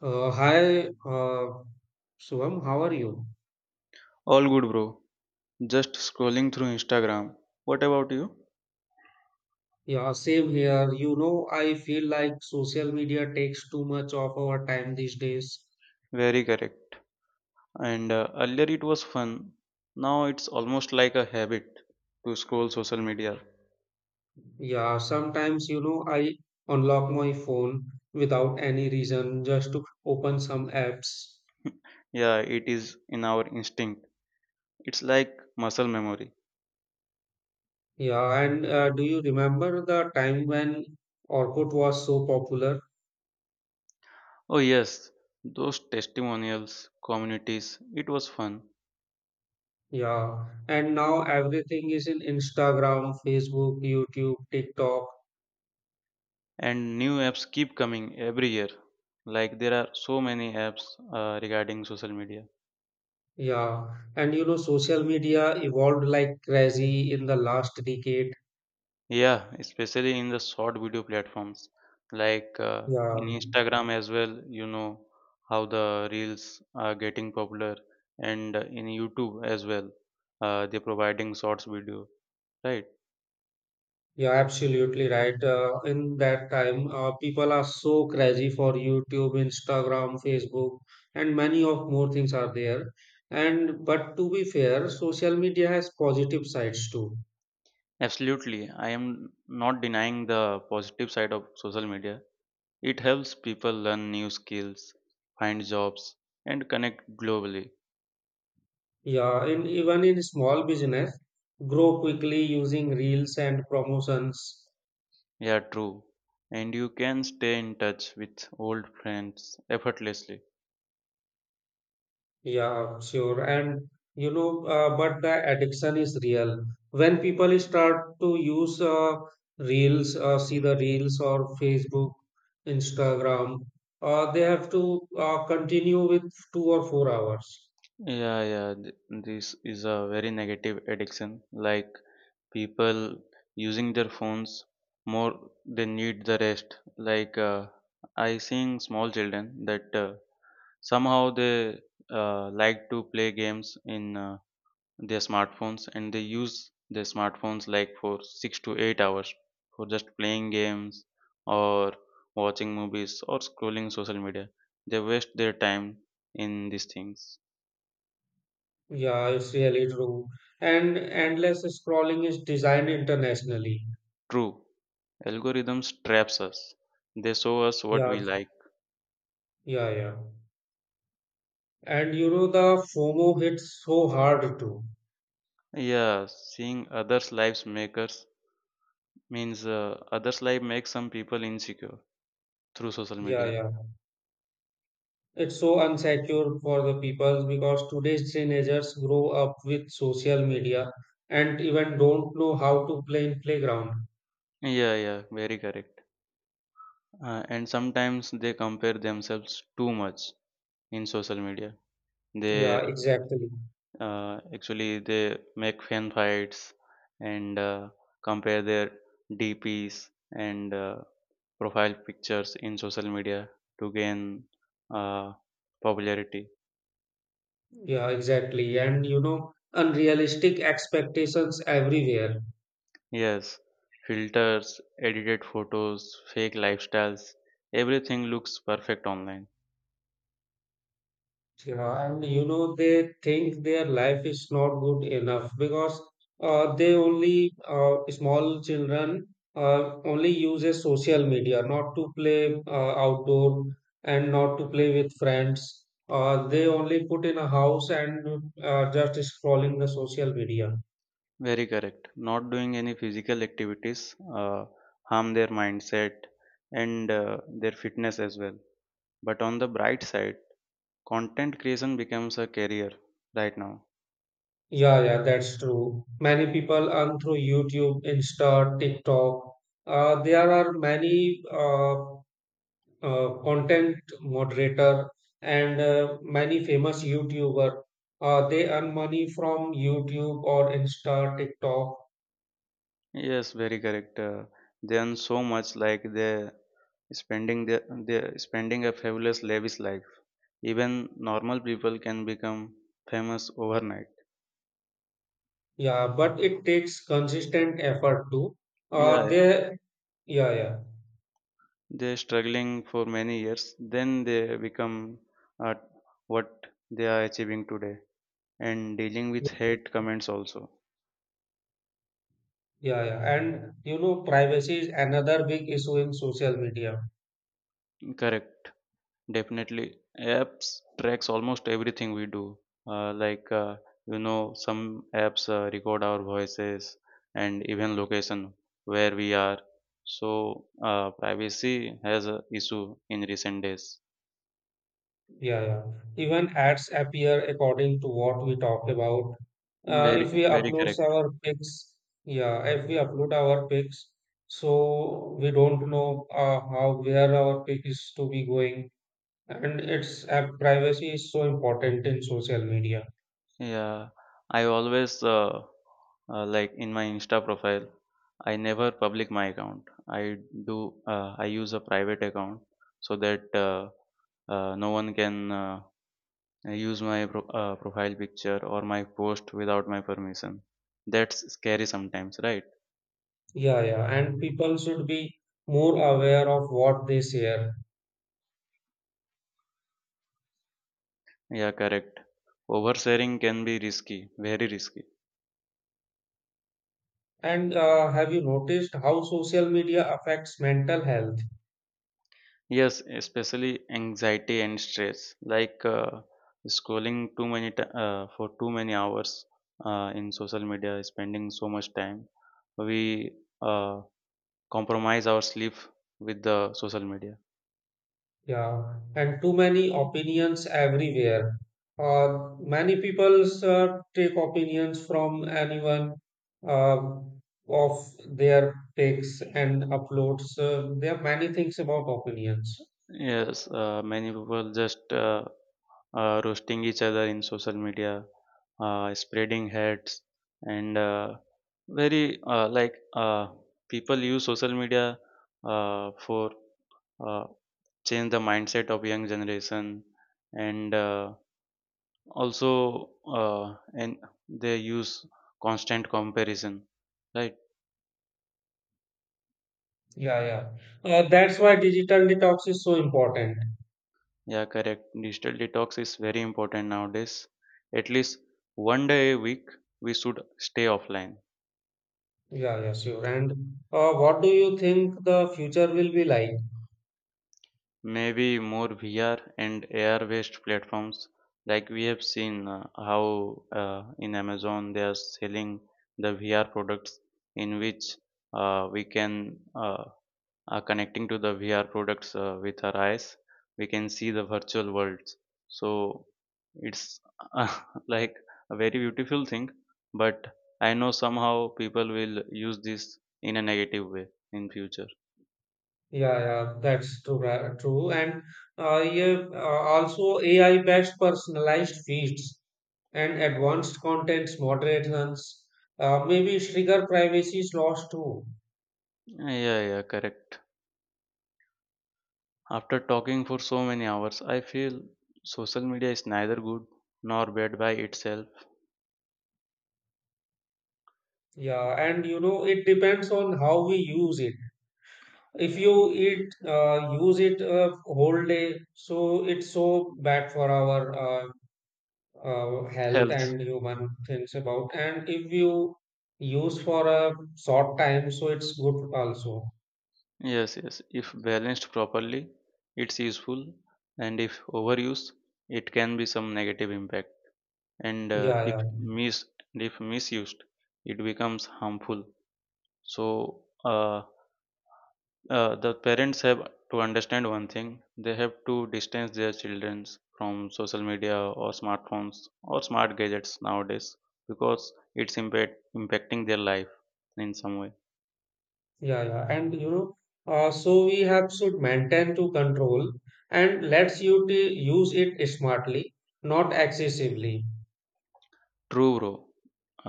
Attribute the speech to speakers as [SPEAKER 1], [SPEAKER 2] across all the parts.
[SPEAKER 1] Uh, hi, uh, Shivam, how are you?
[SPEAKER 2] All good, bro. Just scrolling through Instagram. What about you?
[SPEAKER 1] Yeah, same here. You know, I feel like social media takes too much of our time these days.
[SPEAKER 2] Very correct. And earlier it was fun. Now it's almost like a habit to scroll social media.
[SPEAKER 1] Yeah, sometimes, I unlock my phone without any reason just to open some apps.
[SPEAKER 2] Yeah, it is in our instinct. It's like muscle memory.
[SPEAKER 1] Yeah, and do you remember the time when Orkut was so popular?
[SPEAKER 2] Oh, yes, those testimonials, communities, it was fun.
[SPEAKER 1] Yeah, and now everything is in Instagram, Facebook, YouTube, TikTok.
[SPEAKER 2] And new apps keep coming every year. Like there are so many apps regarding social media.
[SPEAKER 1] Yeah, and you know, social media evolved like crazy in the last decade.
[SPEAKER 2] Yeah, especially in the short video platforms like in
[SPEAKER 1] Yeah,
[SPEAKER 2] Instagram as well, you know how the reels are getting popular, and in YouTube as well, they're providing shorts video, right?
[SPEAKER 1] yeah, absolutely right. In that time, people are so crazy for YouTube, Instagram, Facebook, and many of more things are there. And but to be fair, social media has positive sides too.
[SPEAKER 2] Absolutely. I am not denying the positive side of social media. It helps people learn new skills, find jobs, and connect globally.
[SPEAKER 1] Yeah, in even in small business, grow quickly using reels and promotions.
[SPEAKER 2] Yeah, true. And you can stay in touch with old friends effortlessly.
[SPEAKER 1] Yeah, sure. And but the addiction is real. When people start to use reels, see the reels or Facebook, Instagram, they have to continue with 2 or 4 hours.
[SPEAKER 2] Yeah, yeah, this is a very negative addiction. Like people using their phones more, they need the rest. Like I seeing small children that somehow they like to play games in their smartphones, and they use their smartphones like for 6 to 8 hours for just playing games or watching movies or scrolling social media. They waste their time in these things.
[SPEAKER 1] Yeah, it's really true. And endless scrolling is designed internationally.
[SPEAKER 2] True. Algorithms traps us. They show us what
[SPEAKER 1] Yeah,
[SPEAKER 2] we like.
[SPEAKER 1] yeah, yeah. And you know, the FOMO hits so hard too.
[SPEAKER 2] Yeah, seeing others' lives makers means others' life makes some people insecure through social
[SPEAKER 1] Yeah,
[SPEAKER 2] media.
[SPEAKER 1] yeah. It's so unsecure for the people because today's teenagers grow up with social media and even don't know how to play in playground.
[SPEAKER 2] Yeah, yeah, very correct. And sometimes they compare themselves too much in social media. They
[SPEAKER 1] Yeah, exactly.
[SPEAKER 2] actually they make fan fights and compare their DPs and profile pictures in social media to gain uh, popularity.
[SPEAKER 1] Yeah, exactly. And you know, unrealistic expectations everywhere.
[SPEAKER 2] Yes, filters, edited photos, fake lifestyles, everything looks perfect online.
[SPEAKER 1] Yeah, and you know, they think their life is not good enough because they only, small children only uses social media, not to play outdoor and not to play with friends. They only put in a house and just scrolling the social media.
[SPEAKER 2] Very correct. Not doing any physical activities harm their mindset and their fitness as well. But on the bright side, content creation becomes a career right now.
[SPEAKER 1] Yeah, yeah, that's true. Many people earn through YouTube, Insta, TikTok. There are many content moderator and many famous YouTuber. They earn money from YouTube or Insta, TikTok.
[SPEAKER 2] Yes, very correct. They earn so much, like they spending a fabulous lavish life. Even normal people can become famous overnight.
[SPEAKER 1] Yeah, but it takes consistent effort too.
[SPEAKER 2] Yeah,
[SPEAKER 1] They yeah yeah
[SPEAKER 2] they're struggling for many years, then they become uh, what they are achieving today, and dealing with hate comments also.
[SPEAKER 1] yeah yeah, And you know, privacy is another big issue in social media.
[SPEAKER 2] Correct, definitely. Apps tracks almost everything we do. Like some apps record our voices and even location where we are. So privacy has a issue in recent days.
[SPEAKER 1] Yeah, yeah. Even ads appear according to what we talked about.
[SPEAKER 2] Very,
[SPEAKER 1] If we
[SPEAKER 2] very
[SPEAKER 1] upload
[SPEAKER 2] correct.
[SPEAKER 1] our pics, yeah, if we upload our pics, so we don't know how where our pic is to be going, and it's privacy is so important in social media.
[SPEAKER 2] Yeah, I always like in my Insta profile. I never public my account. I do. I use a private account so that no one can use my profile picture or my post without my permission. That's scary sometimes, right?
[SPEAKER 1] Yeah, yeah, and people should be more aware of what they share.
[SPEAKER 2] Yeah, correct. Oversharing can be risky, very risky.
[SPEAKER 1] And have you noticed how social media affects mental health?
[SPEAKER 2] Yes, especially anxiety and stress, like scrolling too many ti for too many hours in social media, spending so much time. We compromise our sleep with the social media.
[SPEAKER 1] Yeah, and too many opinions everywhere. Many people take opinions from anyone uh, of their takes and uploads. There are many things about opinions.
[SPEAKER 2] Yes, many people just roasting each other in social media, spreading hates, and very, like, people use social media for, uh, change the mindset of young generation, and also, and they use constant comparison, right?
[SPEAKER 1] Yeah, yeah. That's why digital detox is so important.
[SPEAKER 2] Yeah, correct. Digital detox is very important nowadays. At least one day a week, we should stay offline.
[SPEAKER 1] Yeah, yeah, sure. And what do you think the future will be like?
[SPEAKER 2] Maybe more VR and AR-based platforms, like we have seen how in Amazon they are selling the VR products, in which we can connecting to the VR products with our eyes, we can see the virtual worlds. So it's uh, like a very beautiful thing, but I know somehow people will use this in a negative way in future.
[SPEAKER 1] Yeah, yeah, that's true. True, and yeah, also AI-based personalized feeds and advanced contents moderations. Maybe trigger privacy is lost too.
[SPEAKER 2] Yeah, yeah, correct. After talking for so many hours, I feel social media is neither good nor bad by itself.
[SPEAKER 1] Yeah, and you know it depends on how we use it. If you eat, use it whole day, so it's so bad for our health
[SPEAKER 2] Health.
[SPEAKER 1] and human things about. And if you use for a short time, so it's good also.
[SPEAKER 2] Yes, yes. If balanced properly, it's useful, and if overused, it can be some negative impact. and uh,
[SPEAKER 1] Yeah,
[SPEAKER 2] if
[SPEAKER 1] yeah.
[SPEAKER 2] mis and if misused, it becomes harmful, so the parents have to understand one thing. They have to distance their children from social media or smartphones or smart gadgets nowadays, because it's impacting their life in some way.
[SPEAKER 1] Yeah, yeah, and so we have should maintain to control and let's you to use it smartly, not excessively.
[SPEAKER 2] True, bro.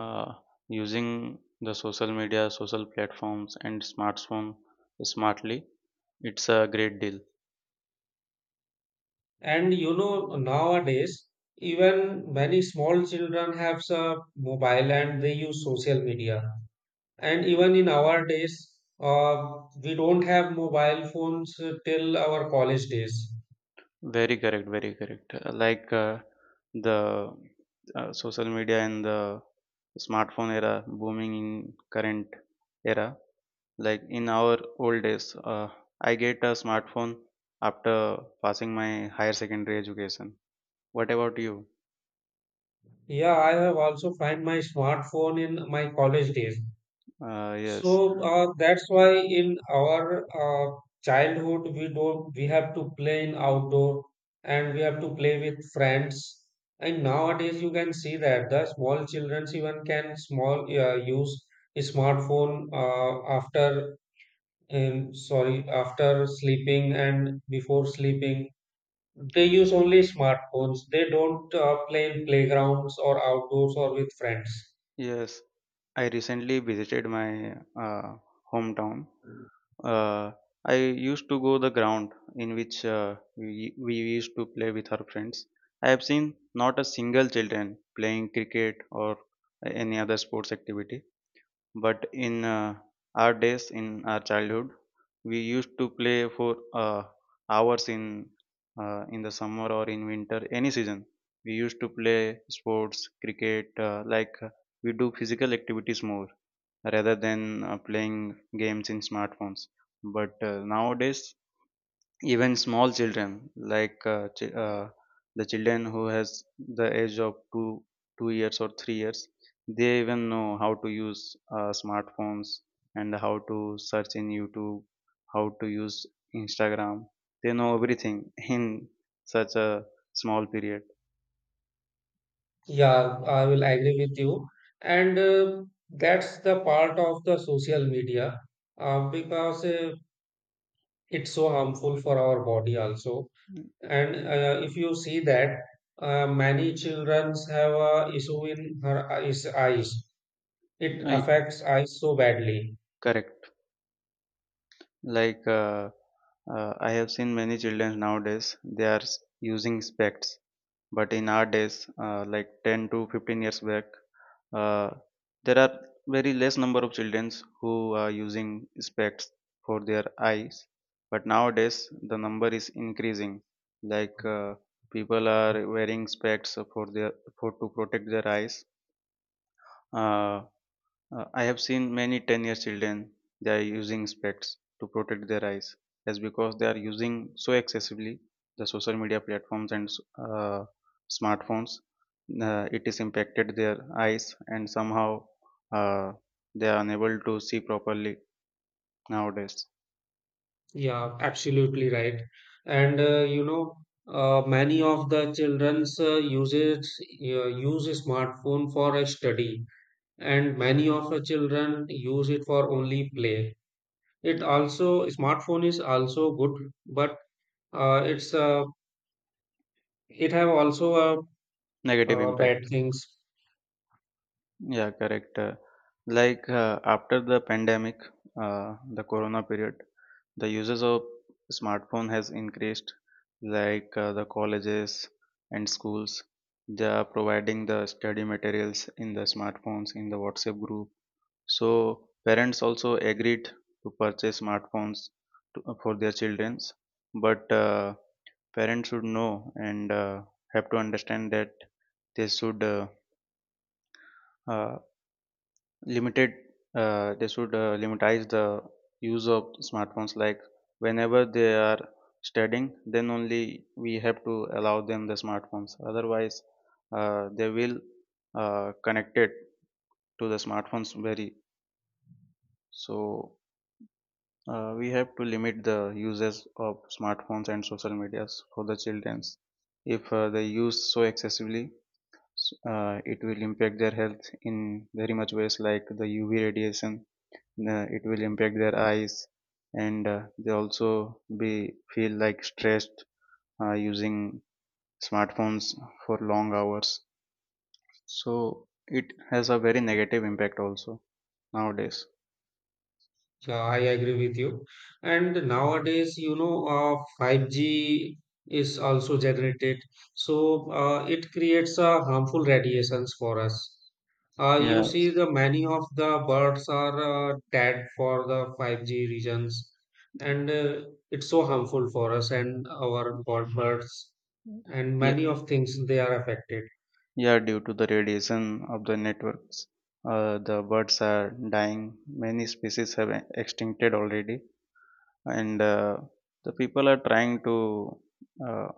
[SPEAKER 2] Uh, using the social media, social platforms and smartphone smartly, it's a great deal.
[SPEAKER 1] And you know, nowadays, even many small children have a mobile and they use social media. And even in our days, uh, we don't have mobile phones till our college days.
[SPEAKER 2] Very correct, very correct. Like the social media and the smartphone era booming in current era. Like in our old days, I get a smartphone after passing my higher secondary education. What about you?
[SPEAKER 1] Yeah, I have also find my smartphone in my college days.
[SPEAKER 2] Yes.
[SPEAKER 1] So that's why in our childhood we don't we have to play in outdoor and we have to play with friends. And nowadays you can see that the small children even can small use a smartphone after sorry, after sleeping and before sleeping. They use only smartphones. They don't play in playgrounds or outdoors or with friends.
[SPEAKER 2] Yes, I recently visited my uh, hometown. Uh, I used to go the ground in which we used to play with our friends. I have seen not a single children playing cricket or any other sports activity. But in our days, in our childhood, we used to play for hours, in the summer or in winter, any season. We used to play sports, cricket, like, we do physical activities more rather than playing games in smartphones. But nowadays, even small children, like the children who has the age of two years or 3 years, they even know how to use smartphones, and how to search in YouTube, how to use Instagram. They know everything in such a small period.
[SPEAKER 1] Yeah, I will agree with you. And that's the part of the social media because it's so harmful for our body also. And if you see that, many children have a issue in eyes. It
[SPEAKER 2] I,
[SPEAKER 1] affects eyes so badly.
[SPEAKER 2] correct. Like I have seen many children nowadays, they are using specs, but in our days, like, 10 to 15 years back, uh, there are very less number of children who are using specs for their eyes. But nowadays the number is increasing, like people are wearing specs for their, for to protect their eyes. uh, I have seen many 10-year children, they are using specs to protect their eyes. That's because they are using so excessively the social media platforms and uh, smartphones. It is impacted their eyes, and somehow uh, they are unable to see properly nowadays.
[SPEAKER 1] Yeah, absolutely right. And you know, many of the children's use a smartphone for a study and many of the children use it for only play. It also smartphone is also good but uh, it's uh, it have also
[SPEAKER 2] Negative
[SPEAKER 1] bad
[SPEAKER 2] impact.
[SPEAKER 1] things.
[SPEAKER 2] Yeah, correct. Like after the pandemic, the corona period, the uses of smartphone has increased. Like the colleges and schools, they are providing the study materials in the smartphones in the WhatsApp group. So parents also agreed to purchase smartphones for their childrens, but parents should know, and have to understand that they uh, limited should limitize the use of smartphones, like whenever they are studying then only we have to allow them the smartphones. Otherwise they will connect it to the smartphones very, so we have to limit the uses of smartphones and social medias for the childrens. If they use so excessively, it will impact their health in very much ways, like the UV radiation, it will impact their eyes. And they also be feel like stressed using smartphones for long hours, so it has a very negative impact also nowadays.
[SPEAKER 1] I agree with you. And nowadays you know 5G is also generated, so it creates harmful radiations for us. You
[SPEAKER 2] Yeah,
[SPEAKER 1] see, the many of the birds are tagged for the 5G regions, and it's so harmful for us and our birds, and
[SPEAKER 2] yeah,
[SPEAKER 1] many of things they are affected.
[SPEAKER 2] yeah, due to the radiation of the networks, the birds are dying. Many species have extincted already, and the people are trying to uh,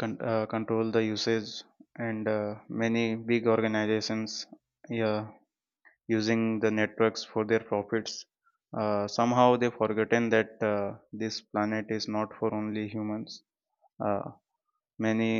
[SPEAKER 2] control the usage, and many big organizations, yeah, using the networks for their profits. Somehow they forgotten that this planet is not for only humans. uh, Many,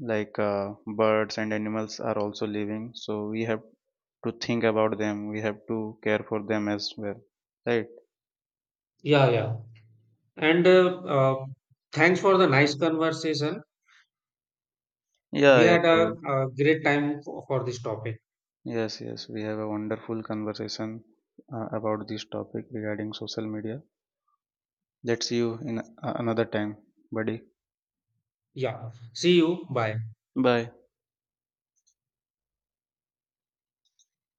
[SPEAKER 2] like, birds and animals are also living, so we have to think about them. We have to care for them as well, right?
[SPEAKER 1] Yeah, yeah. And Thanks for the nice conversation. We
[SPEAKER 2] Yeah, yeah,
[SPEAKER 1] had
[SPEAKER 2] true.
[SPEAKER 1] a great time for this topic.
[SPEAKER 2] Yes, yes, we have a wonderful conversation about this topic regarding social media. Let's see you in another time, buddy.
[SPEAKER 1] Yeah. See you. Bye.
[SPEAKER 2] Bye.